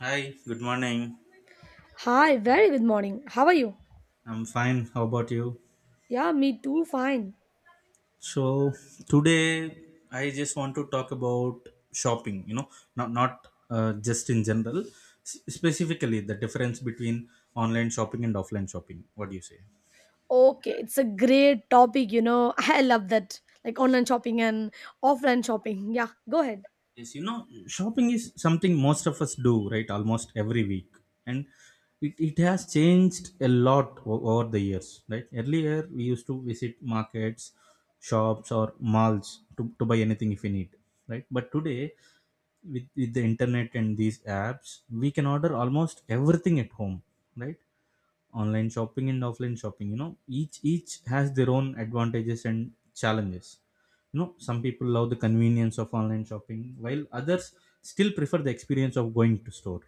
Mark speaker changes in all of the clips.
Speaker 1: Hi, good morning.
Speaker 2: Hi, very good morning. How are you?
Speaker 1: I'm fine. How about you?
Speaker 2: Yeah, me too, fine.
Speaker 1: So today I just want to talk about shopping, you know, not not just in general, specifically the difference between online shopping and offline shopping. What do you say?
Speaker 2: Okay, it's a great topic, you know. I love that. Like online shopping and offline shopping. Yeah, go ahead.
Speaker 1: Yes, you know, shopping is something most of us do, right? Almost every week. And it has changed a lot over the years, right? Earlier, we used to visit markets, shops, or malls to buy anything if we need, right? But today, with the internet and these apps, we can order almost everything at home, right? Online shopping and offline shopping, you know, each has their own advantages and challenges. You know, some people love the convenience of online shopping while others still prefer the experience of going to store,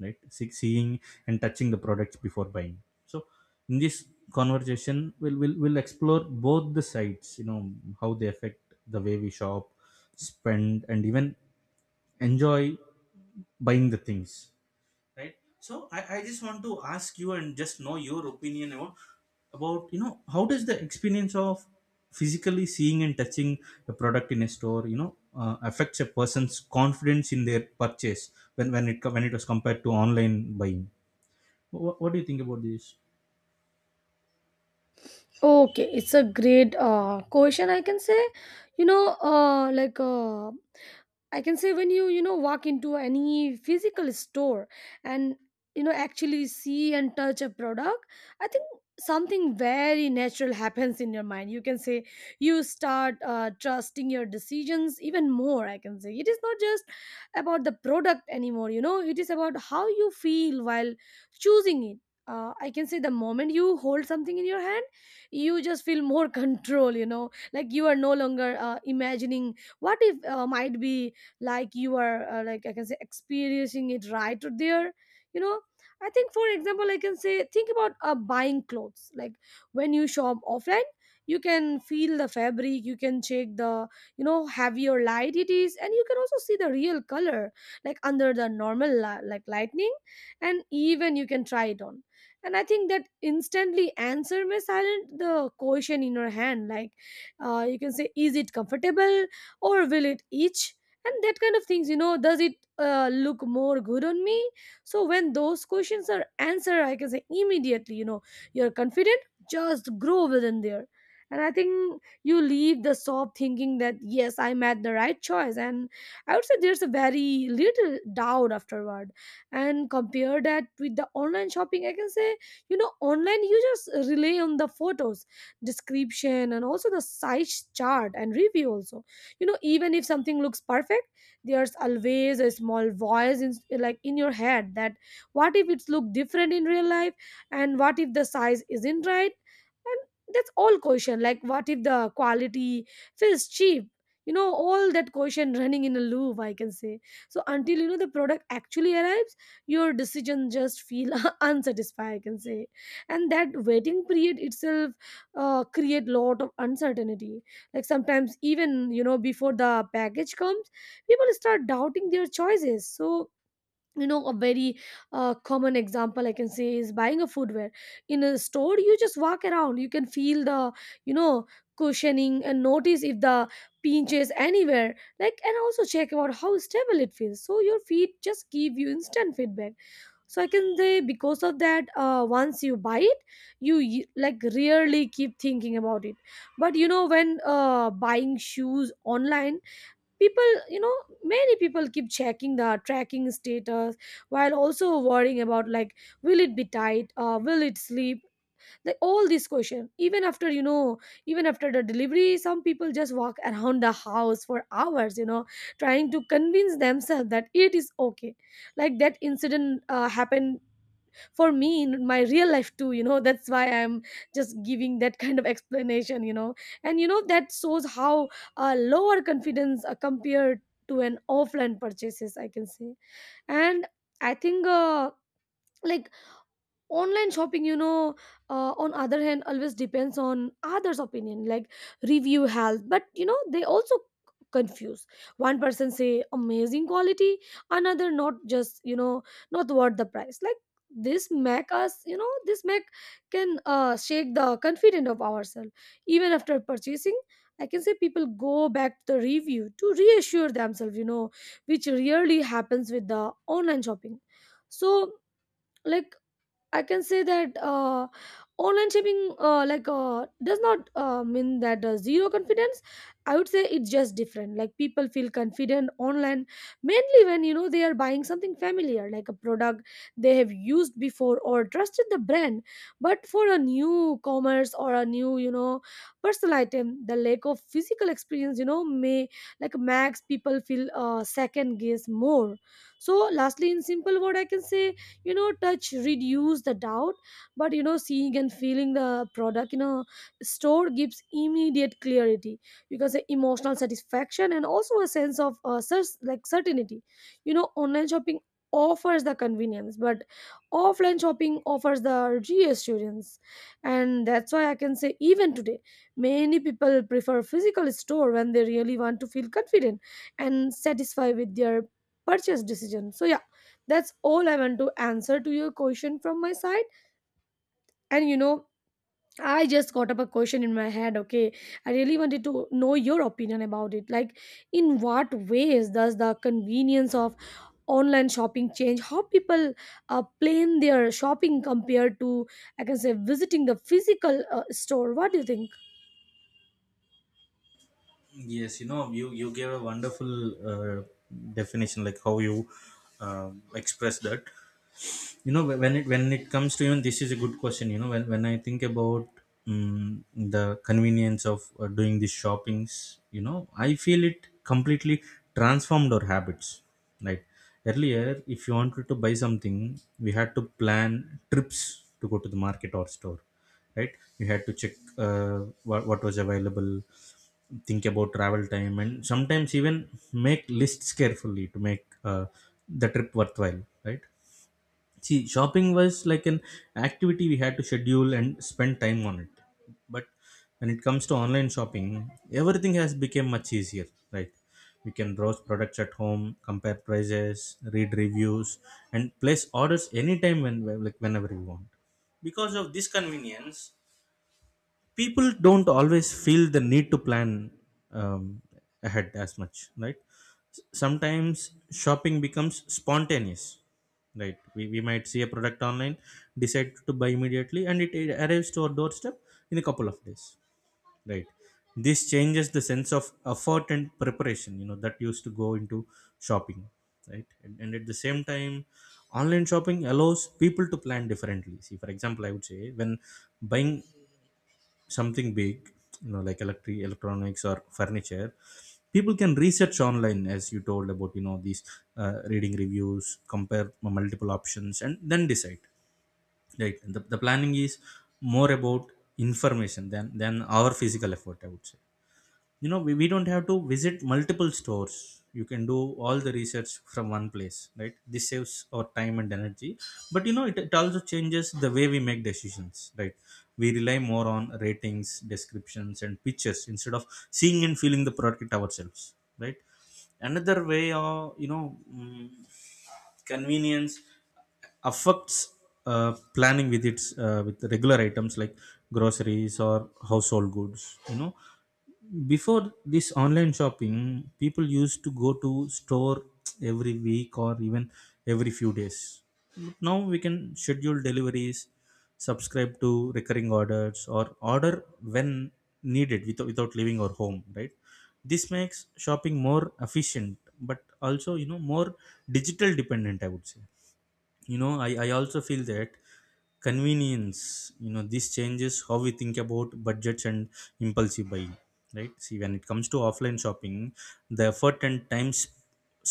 Speaker 1: right? Seeing and touching the products before buying. So in this conversation we'll explore both the sides, you know, how they affect the way we shop, spend, and even enjoy buying the things, right? So I just want to ask you and just know your opinion about, you know, how does the experience of physically seeing and touching a product in a store, you know, affects a person's confidence in their purchase when it was compared to online buying? What do you think about this?
Speaker 2: Okay, it's a great question I can say. You know, uh like uh I can say when you know walk into any physical store and you know actually see and touch a product, I think something very natural happens in your mind. You can say you start trusting your decisions even more. I can say it is not just about the product anymore. You know, it is about how you feel while choosing it. I can say the moment you hold something in your hand, you just feel more control. You know, like you are no longer imagining what if might be like you are like I can say experiencing it right there you know I think for example I can say think about buying clothes like when you shop offline you can feel the fabric you can check the you know heavier light it is and you can also see the real color like under the normal like lightning and even you can try it on. And I think that instantly answer may silent the question in your hand like you can say is it comfortable or will it itch and that kind of things you know does it look more good on me. So when those questions are answered I can say immediately you know you're confident just grow within there. And I think you leave the shop thinking that yes I made the right choice, and I would say there's a very little doubt afterward. And compare that with the online shopping I can say you know online you just rely on the photos, description and also the size chart and review also. You know even if something looks perfect there's always a small like in your head that what if it's look different in real life, and what if the size isn't right, and that's all question like what if the quality feels cheap. You know all that question running in a loop I can say. So until you know the product actually arrives your decision just feel unsatisfied I can say. And that waiting period itself create lot of uncertainty. Like sometimes even you know before the package comes people start doubting their choices. So you know a very common example I can say is buying a footwear. In a store you just walk around you can feel the you know cushioning and notice if the pinches anywhere like, and also check about how stable it feels so your feet just give you instant feedback. So I can say because of that once you buy it you like rarely keep thinking about it. But you know when buying shoes online people you know many people keep checking the tracking status while also worrying about like will it be tight, will it sleep, like all these questions even after you know even after the delivery. Some people just walk around the house for hours you know trying to convince themselves that it is okay. Like that incident happened for me in my real life too you know, that's why I'm just giving that kind of explanation you know. And you know that shows how lower confidence compared to an offline purchases I can say. And I think like online shopping you know on other hand always depends on others opinion, like review help. But you know they also confuse. One person say amazing quality, another not, just you know not worth the price. Like this make us you know this make can shake the confidence of ourselves even after purchasing I can say. People go back to the review to reassure themselves you know, which rarely happens with the online shopping. So like I can say that online shopping does not mean that zero confidence. I would say it's just different. Like people feel confident online mainly when you know they are buying something familiar, like a product they have used before or trusted the brand. But for a new commerce or a new you know personal item, the lack of physical experience you know may like max people feel second guess more. So lastly, in simple word, I can say you know touch reduce the doubt, but you know seeing and feeling the product in a store gives immediate clarity because can emotional satisfaction and also a sense of like certainty. You know online shopping offers the convenience but offline shopping offers the reassurance. And that's why I can say even today many people prefer physical store when they really want to feel confident and satisfied with their purchase decision. So yeah, that's all I want to answer to your question from my side. And you know, I just got up a question in my head, okay? I really wanted to know your opinion about it. Like, in what ways does the convenience of online shopping change how people plan their shopping compared to, I can say, visiting the physical store? What do you think?
Speaker 1: Yes, you know, you gave a wonderful uh, definition, like how you express that. You know, when it comes to even this is a good question. You know, when I think about um, the convenience of doing these shoppings, you know, I feel it completely transformed our habits. Like earlier, if you wanted to buy something, we had to plan trips to go to the market or store, right? We had to check uh, what was available, think about travel time and sometimes even make lists carefully to make uh, the trip worthwhile, right? See, shopping was like an activity we had to schedule and spend time on it. But when it comes to online shopping, everything has become much easier, right? We can browse products at home, compare prices, read reviews, and place orders anytime, whenever we want. Because of this convenience, people don't always feel the need to plan um, ahead as much, right? Sometimes shopping becomes spontaneous, right? We might see a product online, decide to buy immediately, and it arrives to our doorstep in a couple of days, right? This changes the sense of effort and preparation, you know, that used to go into shopping, right? And at the same time, online shopping allows people to plan differently. See, for example, I would say when buying something big, you know, like electric electronics or furniture, people can research online, as you told about, you know, these reading reviews, compare multiple options, and then decide, right? The planning is more about information than our physical effort, I would say. You know, we don't have to visit multiple stores. You can do all the research from one place, right? This saves our time and energy. But you know, it also changes the way we make decisions, right? We rely more on ratings, descriptions, and pictures instead of seeing and feeling the product ourselves, right? Another way of, you know, mm, convenience affects planning with its, with regular items like groceries or household goods. You know, before this online shopping, people used to go to store every week or even every few days. Now we can schedule deliveries, subscribe to recurring orders, or order when needed without leaving our home, right? This makes shopping more efficient but also, you know, more digital dependent, I would say. You know, I also feel that convenience, you know, this changes how we think about budgets and impulsive buying, right? See, when it comes to offline shopping, the effort and time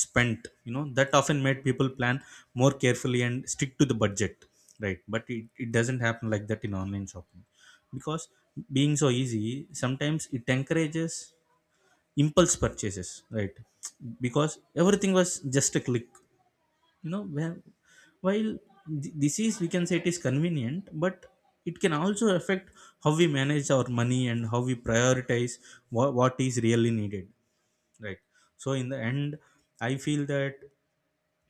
Speaker 1: spent, you know, that often made people plan more carefully and stick to the budget, right? But it doesn't happen like that in online shopping, because being so easy, sometimes it encourages impulse purchases, right? Because everything was just a click, you know, where- while this is, we can say, it is convenient but it can also affect how we manage our money and how we prioritize what is really needed, right? So in the end, I feel that,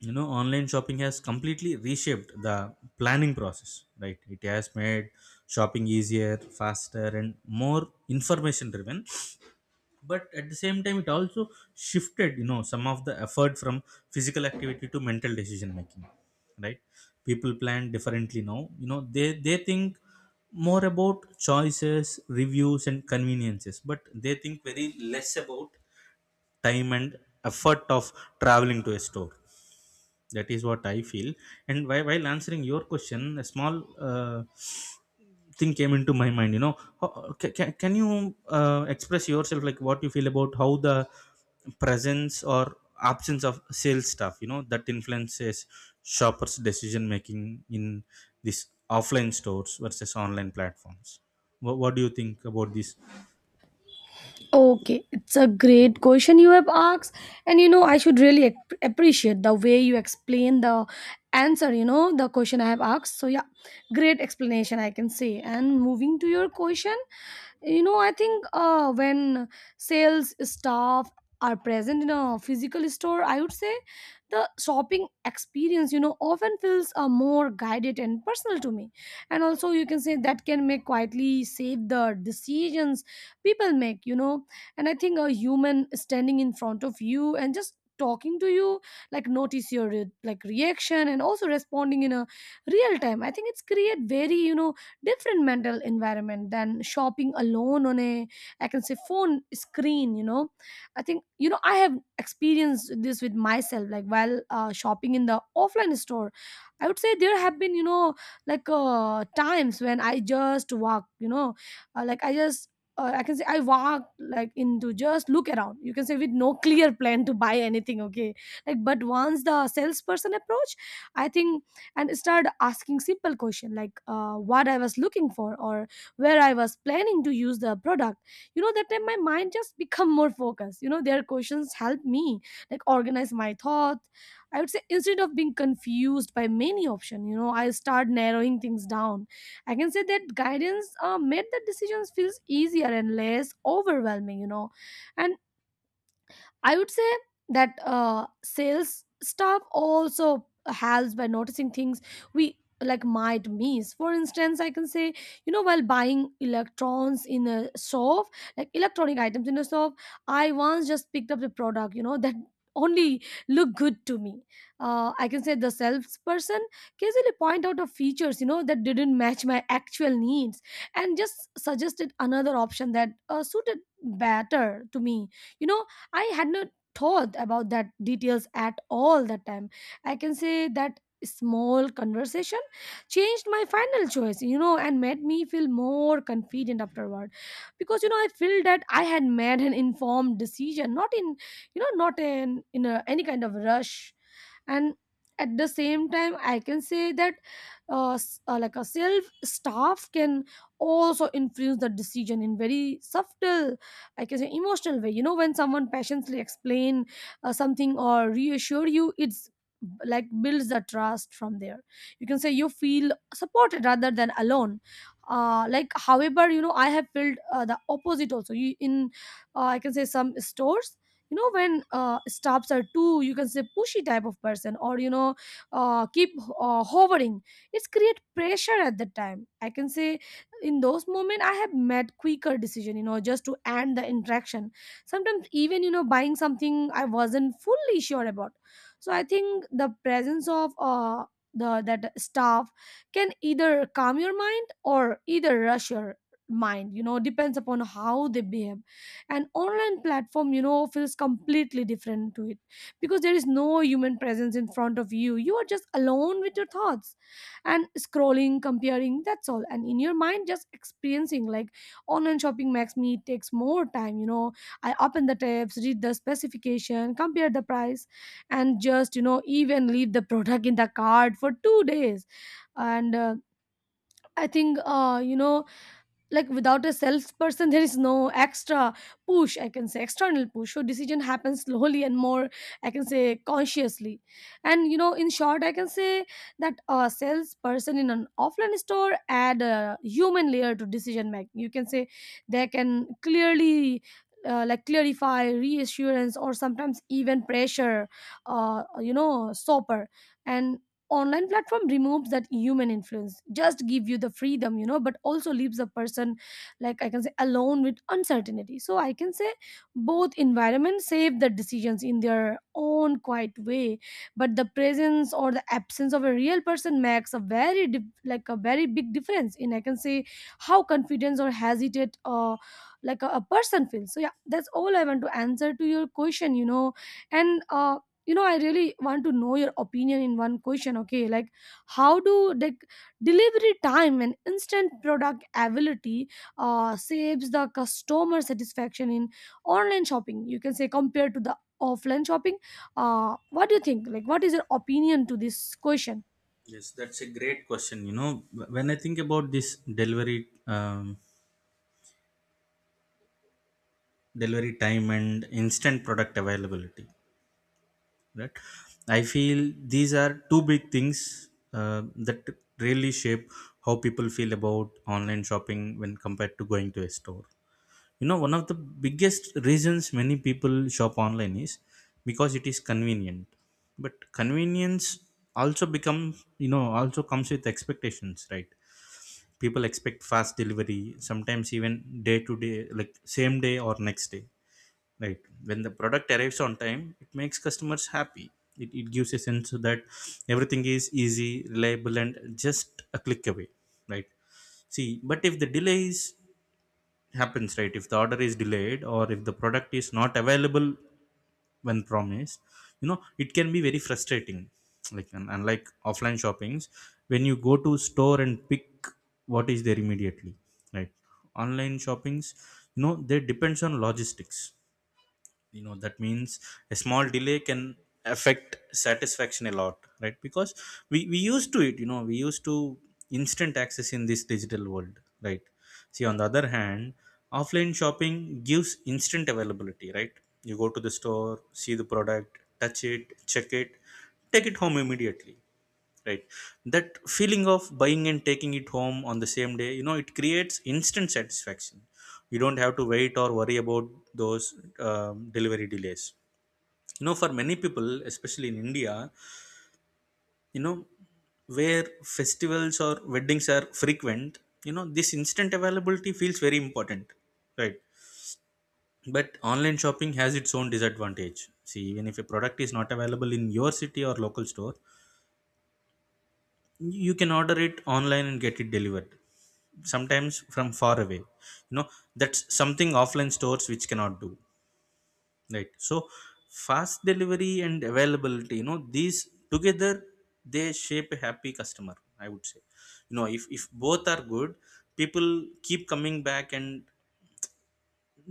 Speaker 1: you know, online shopping has completely reshaped the planning process, right? It has made shopping easier, faster, and more information driven. But at the same time, it also shifted, you know, some of the effort from physical activity to mental decision making, right? People plan differently now. You know, they think more about choices, reviews, and conveniences, but they think very less about time and effort of traveling to a store. That is what I feel. And while answering your question, a small thing came into my mind. You know, can you express yourself, like what you feel about how the presence or absence of sales staff, you know, that influences shoppers decision making in these offline stores versus online platforms? What do you think about this?
Speaker 2: Okay, it's a great question you have asked, and you know, I should really appreciate the way you explain the answer, you know, the question I have asked. So, yeah, great explanation, I can say. And moving to your question, you know I think when sales staff are present in a physical store I would say the shopping experience you know often feels more guided and personal to me, and also you can say that can make quietly save the decisions people make you know. And I think a human standing in front of you and just talking to you like notice your like reaction and also responding in a real time, I think it's create very you know different mental environment than shopping alone on a I can say phone screen you know. I think you know I have experienced this with myself, like while shopping in the offline store I would say there have been you know like times when I just walk you know uh, like i just I can say I walked like into just look around. You can say with no clear plan to buy anything, okay? Like, but once the salesperson approached, I think and started asking simple questions like what I was looking for or where I was planning to use the product. You know, that time my mind just become more focused. You know, their questions help me like organize my thought. I would say instead of being confused by many options, you know, I start narrowing things down. I can say that guidance made the decisions feels easier and less overwhelming, you know. And I would say that sales staff also helps by noticing things we like might miss. For instance, I can say, you know, while buying electrons in a shop, like electronic items in a shop, I once just picked up the product, you know, that only looked good to me. I can say the salesperson casually point out of features, you know, that didn't match my actual needs and just suggested another option that suited better to me you know. I had not thought about that details at all that time. I can say that small conversation changed my final choice, you know, and made me feel more confident afterward. Because you know, I feel that I had made an informed decision, not in you know, not in a, any kind of rush. And at the same time, I can say that like a self staff can also influence the decision in very subtle I can say emotional way. You know, when someone passionately explain something or reassure you, it's like builds the trust from there. You can say you feel supported rather than alone. Like however, you know, I have felt the opposite also. You in I can say some stores. You know when staffs are too, you can say pushy type of person, or you know, keep hovering. It's create pressure at the time. I can say in those moments, I have made quicker decision, you know, just to end the interaction. Sometimes even, you know, buying something I wasn't fully sure about. So I think the presence of the that staff can either calm your mind or either rush your mind, you know, depends upon how they behave. An online platform, you know, feels completely different to it because there is no human presence in front of you. You are just alone with your thoughts and scrolling, comparing, that's all. And in your mind just experiencing like online shopping makes me takes more time, you know. I open the tabs, read the specification, compare the price, and just, you know, even leave the product in the cart for 2 days. And I think like without a salesperson there is no extra push, I can say external push, so decision happens slowly and more, I can say, consciously. And you know, in short, I can say that a salesperson in an offline store add a human layer to decision making, you can say. They can clearly like clarify, reassurance, or sometimes even pressure, you know, stopper. And online platform removes that human influence, just give you the freedom, you know, but also leaves a person like, I can say, alone with uncertainty. So I can say both environments save the decisions in their own quiet way, but the presence or the absence of a real person makes a very like a very big difference in, I can say, how confidence or hesitate like a person feels. So yeah, that's all I want to answer to your question, you know. And you know, I really want to know your opinion in one question, okay? Like, how do the delivery time and instant product availability saves the customer satisfaction in online shopping, you can say, compared to the offline shopping? What do you think, like what is your opinion to this question?
Speaker 1: Yes, that's a great question. You know, when I think about this delivery, um, delivery time and instant product availability, right? I feel these are two big things uh, that really shape how people feel about online shopping when compared to going to a store. You know, one of the biggest reasons many people shop online is because it is convenient. But convenience also becomes, you know, also comes with expectations, right? People expect fast delivery, sometimes even day to day, like same day or next day, right? When the product arrives on time, it makes customers happy. It gives a sense that everything is easy, reliable, and just a click away, right? See, but if the delay is happens, right, if the order is delayed or if the product is not available when promised, you know, it can be very frustrating. Like unlike offline shoppings, when you go to store and pick what is there immediately, right? Online shoppings, you know, they depends on logistics. You know, that means a small delay can affect satisfaction a lot, right? Because we used to it. You know, we used to instant access in this digital world, right? See, on the other hand, offline shopping gives instant availability, right? You go to the store, see the product, touch it, check it, take it home immediately, right? That feeling of buying and taking it home on the same day, you know, it creates instant satisfaction. You don't have to wait or worry about those delivery delays. You know, for many people, especially in India, you know, where festivals or weddings are frequent, you know, this instant availability feels very important, right? But online shopping has its own disadvantage. See, even if a product is not available in your city or local store, you can order it online and get it delivered sometimes from far away, you know. That's something offline stores which cannot do, right? So fast delivery and availability, you know, these together, they shape a happy customer, I would say. You know, if both are good, people keep coming back and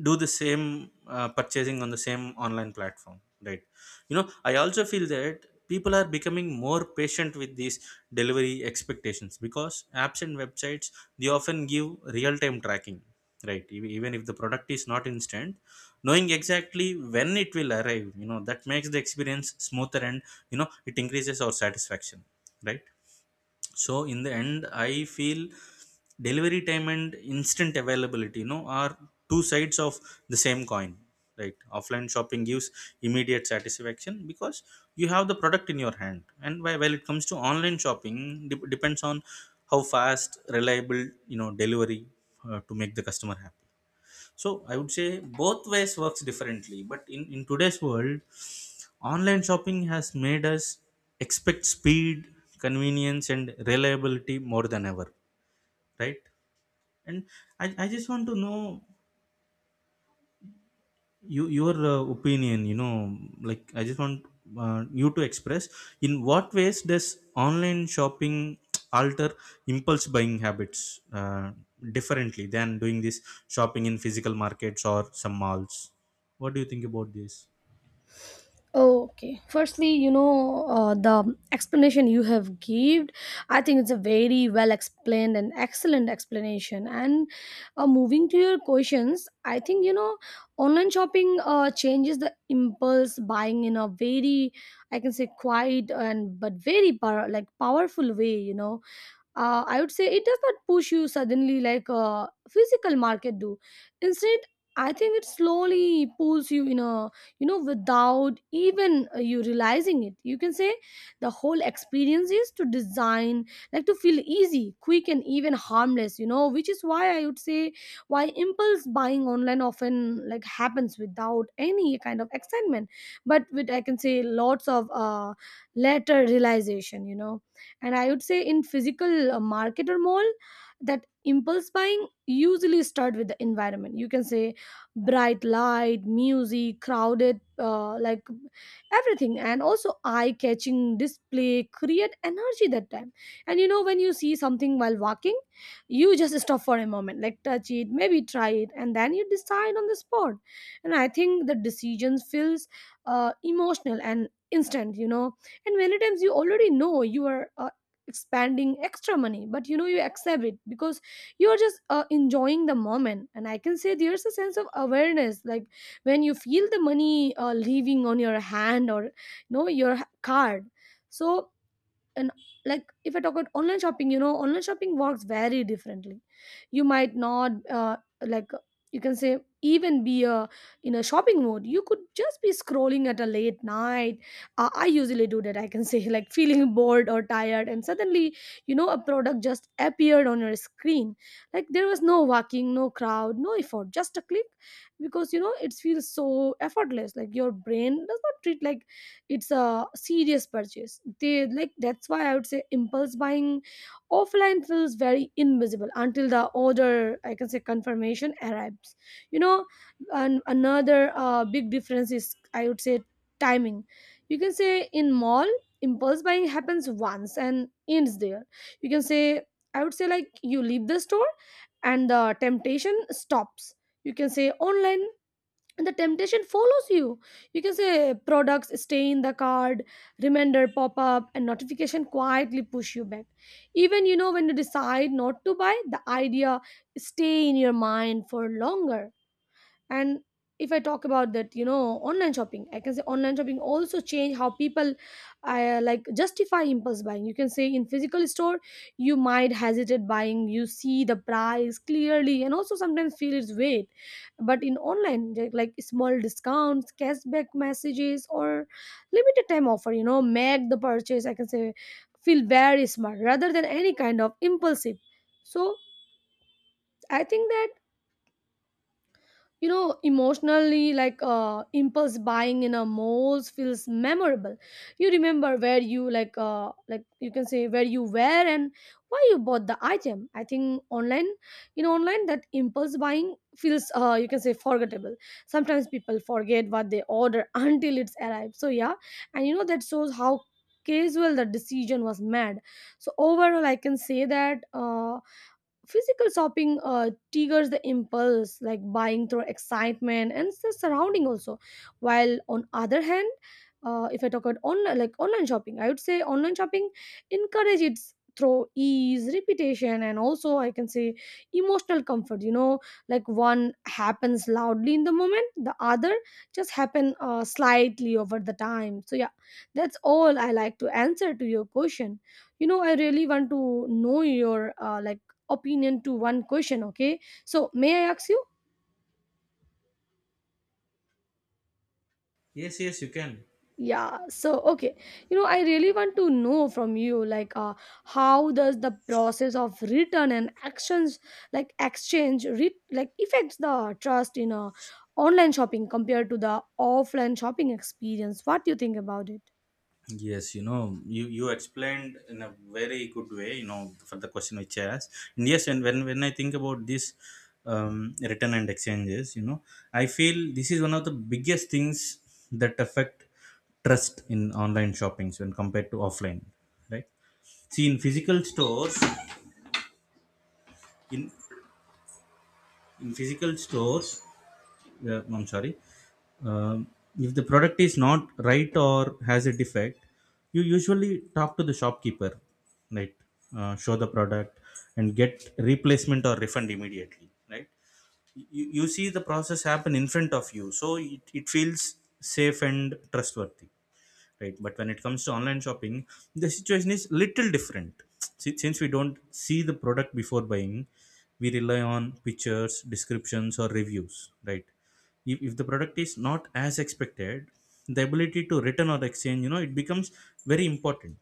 Speaker 1: do the same purchasing on the same online platform, right? You know, I also feel that people are becoming more patient with these delivery expectations, because apps and websites, they often give real time tracking, right? Even if the product is not instant, knowing exactly when it will arrive, you know, that makes the experience smoother, and you know, it increases our satisfaction, right? So in the end, I feel delivery time and instant availability, you know, are two sides of the same coin, right? Offline shopping gives immediate satisfaction because you have the product in your hand. And while it comes to online shopping, depends on how fast, reliable, you know, delivery to make the customer happy. So I would say both ways works differently but in today's world, online shopping has made us expect speed, convenience, and reliability more than ever, right? And I just want to know your opinion, you know, like I just want you to express, in what ways does online shopping alter impulse buying habits differently than doing this shopping in physical markets or some malls? What do you think about this?
Speaker 2: Oh, okay. Firstly, you know, the explanation you have given, I think it's a very well explained and excellent explanation. And moving to your questions, I think, you know, online shopping changes the impulse buying in a very, I can say, quiet and but very power, like powerful way. You know, I would say it does not push you suddenly like a physical market do. Instead, I think it slowly pulls you in a, you know, without even you realizing it, you can say. The whole experience is to design like to feel easy, quick, and even harmless, you know, which is why I would say why impulse buying online often like happens without any kind of excitement, but with, I can say, lots of later realization, you know. And I would say in physical market or mall, that impulse buying usually start with the environment, you can say. Bright light, music, crowded, like everything, and also eye catching display create energy that time. And you know, when you see something while walking, you just stop for a moment, like touch it, maybe try it, and then you decide on the spot. And I think the decision feels emotional and instant, you know. And many times you already know you are expanding extra money, but you know, you accept it because you are just enjoying the moment. And I can say there's a sense of awareness like when you feel the money leaving on your hand or you know your card. So and like, if I talk about online shopping, you know, online shopping works very differently. You might not like you can say even be a in a shopping mode. You could just be scrolling at a late night. I usually do that, I can say, like feeling bored or tired, and suddenly, you know, a product just appeared on your screen. Like there was no walking, no crowd, no effort, just a click. Because you know, it feels so effortless like your brain does not treat like it's a serious purchase. They like that's why I would say impulse buying offline feels very invisible until the order, I can say, confirmation arrives, you know. And another big difference is, I would say, timing. You can say in mall, impulse buying happens once and ends there, you can say. I would say like you leave the store and the temptation stops. You can say online and the temptation follows you. You can say products stay in the card, reminder pop up, and notification quietly push you back. Even you know, when you decide not to buy, the idea stay in your mind for longer. And if I talk about that, you know, online shopping, I can say online shopping also change how people like justify impulse buying, you can say. In physical store, you might hesitate buying, you see the price clearly and also sometimes feel its weight. But in online like, small discounts, cashback messages, or limited time offer, you know, make the purchase, I can say, feel very smart rather than any kind of impulsive. So I think that, you know, emotionally, like impulse buying in a malls feels memorable. You remember where you like you can say where you were and why you bought the item. I think online, you know, online that impulse buying feels you can say forgettable. Sometimes people forget what they order until it's arrived, so yeah. And you know, that shows how casual the decision was made. So overall I can say that physical shopping triggers the impulse like buying through excitement and the surrounding also, while on other hand, if I talk about online like online shopping, I would say online shopping encourage its through ease, repetition, and also, I can say, emotional comfort, you know. Like one happens loudly in the moment, the other just happen slightly over the time. So yeah, that's all I like to answer to your question. You know, I really want to know your like opinion to one question, okay? So may I ask you?
Speaker 1: Yes, yes, you can.
Speaker 2: Yeah, so okay, you know, I really want to know from you, like, how does the process of return and actions like exchange like affects the trust in online shopping compared to the offline shopping experience? What do you think about it?
Speaker 1: Yes, you know, you explained in a very good way, you know, for the question which I asked. And yes, and when I think about this return and exchanges, you know, I feel this is one of the biggest things that affect trust in online shoppings when compared to offline, right? See, in physical stores, in, in physical stores, yeah, I'm sorry. Um, if the product is not right or has a defect, you usually talk to the shopkeeper, right? Show the product and get replacement or refund immediately, right? You see the process happen in front of you, so it feels safe and trustworthy, right? But when it comes to online shopping, the situation is little different. Since we don't see the product before buying, we rely on pictures, descriptions or reviews, right? If the product is not as expected, the ability to return or exchange, you know, it becomes very important.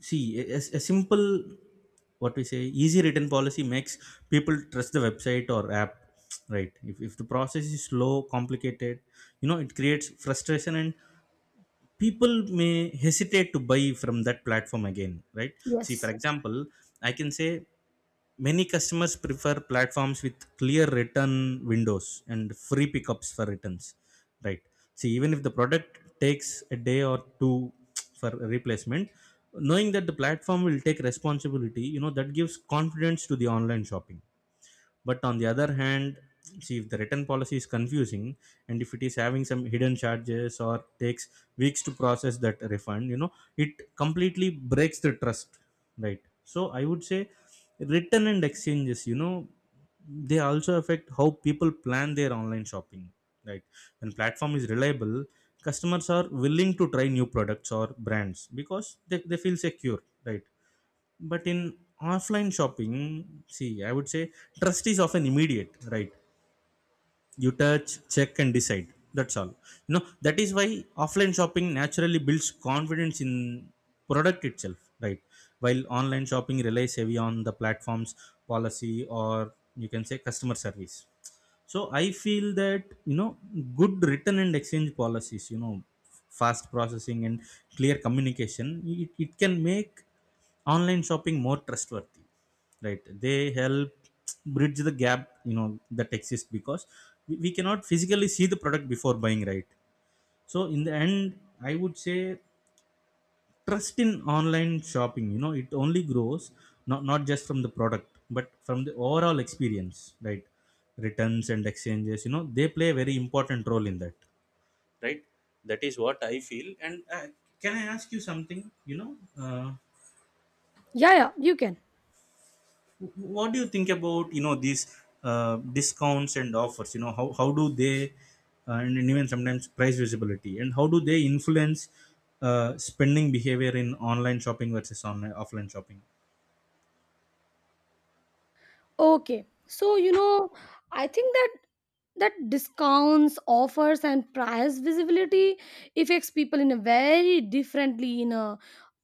Speaker 1: See, a simple, what we say, easy written policy makes people trust the website or app, right? If the process is slow, complicated, you know, it creates frustration and people may hesitate to buy from that platform again, right? See, for
Speaker 2: Yes.
Speaker 1: example, I can say many customers prefer platforms with clear return windows and free pickups for returns, right? See, even if the product takes a day or two for replacement, knowing that the platform will take responsibility, you know, that gives confidence to the online shopping. But on the other hand, see, if the return policy is confusing and if it is having some hidden charges or takes weeks to process that refund, you know, it completely breaks the trust, right? So I would say return and exchanges, you know, they also affect how people plan their online shopping, right? When platform is reliable, customers are willing to try new products or brands because they feel secure, right? But in offline shopping, see, I would say trust is often immediate, right? You touch, check and decide, that's all. You know, that is why offline shopping naturally builds confidence in product itself, right? While online shopping relies heavy on the platform's policy, or you can say customer service. So I feel that, you know, good return and exchange policies, you know, fast processing and clear communication, it can make online shopping more trustworthy. Right. They help bridge the gap, you know, that exists because we cannot physically see the product before buying, right? So in the end, I would say trust in online shopping, you know, it only grows, not just from the product but from the overall experience, right? Returns and exchanges, you know, they play a very important role in that, right? That is what I feel. And can I ask you something, you know? uh,
Speaker 2: Yeah, yeah, you can.
Speaker 1: wh- what do you think about, you know, these discounts and offers, you know, how do they and even sometimes price visibility, and how do they influence spending behavior in online shopping versus online offline shopping?
Speaker 2: Okay, so you know, I think that that discounts, offers, and price visibility affects people in a very differently in a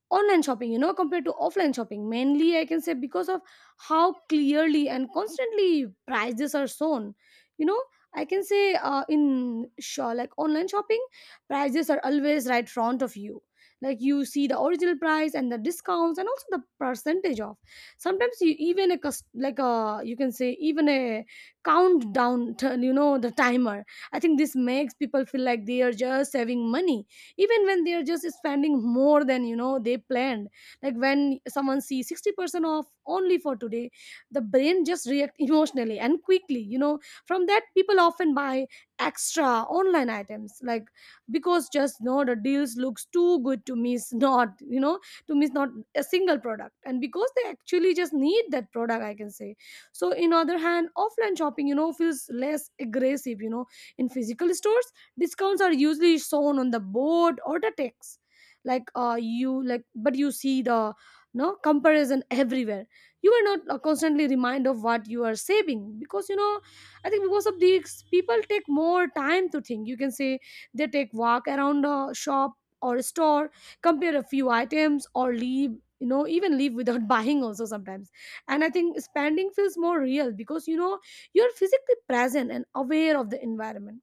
Speaker 2: online shopping, you know, compared to offline shopping, mainly I can say because of how clearly and constantly prices are shown, you know. I can say in sure like online shopping, prices are always right front of you. Like you see the original price and the discounts and also the percentage off. Sometimes you even a like a you can say even a countdown turn, you know, the timer. I think this makes people feel like they are just saving money, even when they are just spending more than, you know, they planned. Like when someone sees 60% off only for today, the brain just react emotionally and quickly, you know. From that, people often buy extra online items like because just no the deals looks too good to miss not, you know, to miss not a single product and because they actually just need that product, I can say. So in other hand, offline shopping, you know, feels less aggressive, you know. In physical stores, discounts are usually shown on the board or the text, like you like but you see the no comparison everywhere. You are not constantly reminded of what you are saving because, you know, I think because of these people take more time to think, you can say. They take walk around a shop or a store, compare a few items, or leave, you know, even leave without buying also sometimes. And I think spending feels more real because, you know, you're physically present and aware of the environment.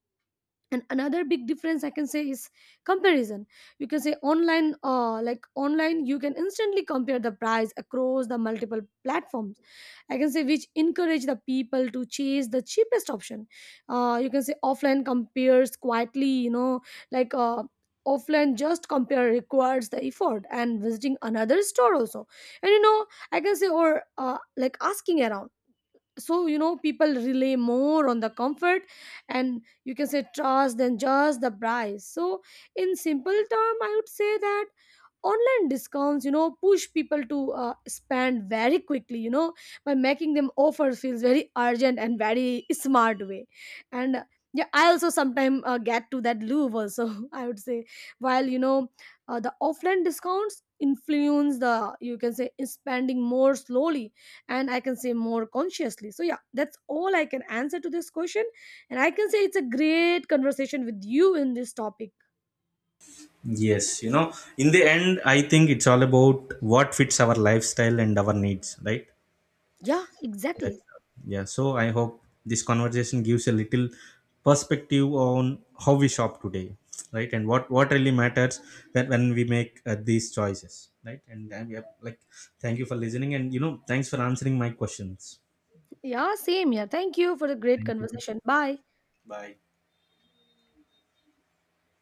Speaker 2: And another big difference I can say is comparison. You can say online, like online you can instantly compare the price across the multiple platforms, I can say, which encourage the people to chase the cheapest option. You can say offline compares quietly, you know, like offline just compare requires the effort and visiting another store also. And you know, I can say or uh, like asking around. So you know, people rely more on the comfort and you can say trust than just the price. So in simple term, I would say that online discounts, you know, push people to spend very quickly, you know, by making them offer feels very urgent and very smart way. And Yeah, I also sometimes get to that loop also, I would say, while you know, the offline discounts influence the, you can say, spending more slowly and I can say more consciously. So, yeah, that's all I can answer to this question. And I can say it's a great conversation with you in this topic.
Speaker 1: Yes, you know, in the end, I think it's all about what fits our lifestyle and our needs, right?
Speaker 2: Yeah,
Speaker 1: That's,
Speaker 2: exactly.
Speaker 1: yeah, so I hope this conversation gives a little perspective on how we shop today, right? And what really matters that when we make these choices, right? And I, yeah, like, thank you for listening, and you know, thanks for answering my questions.
Speaker 2: Yeah, same here. Thank you for the great
Speaker 1: Thank you.
Speaker 2: conversation. Bye.
Speaker 1: Bye.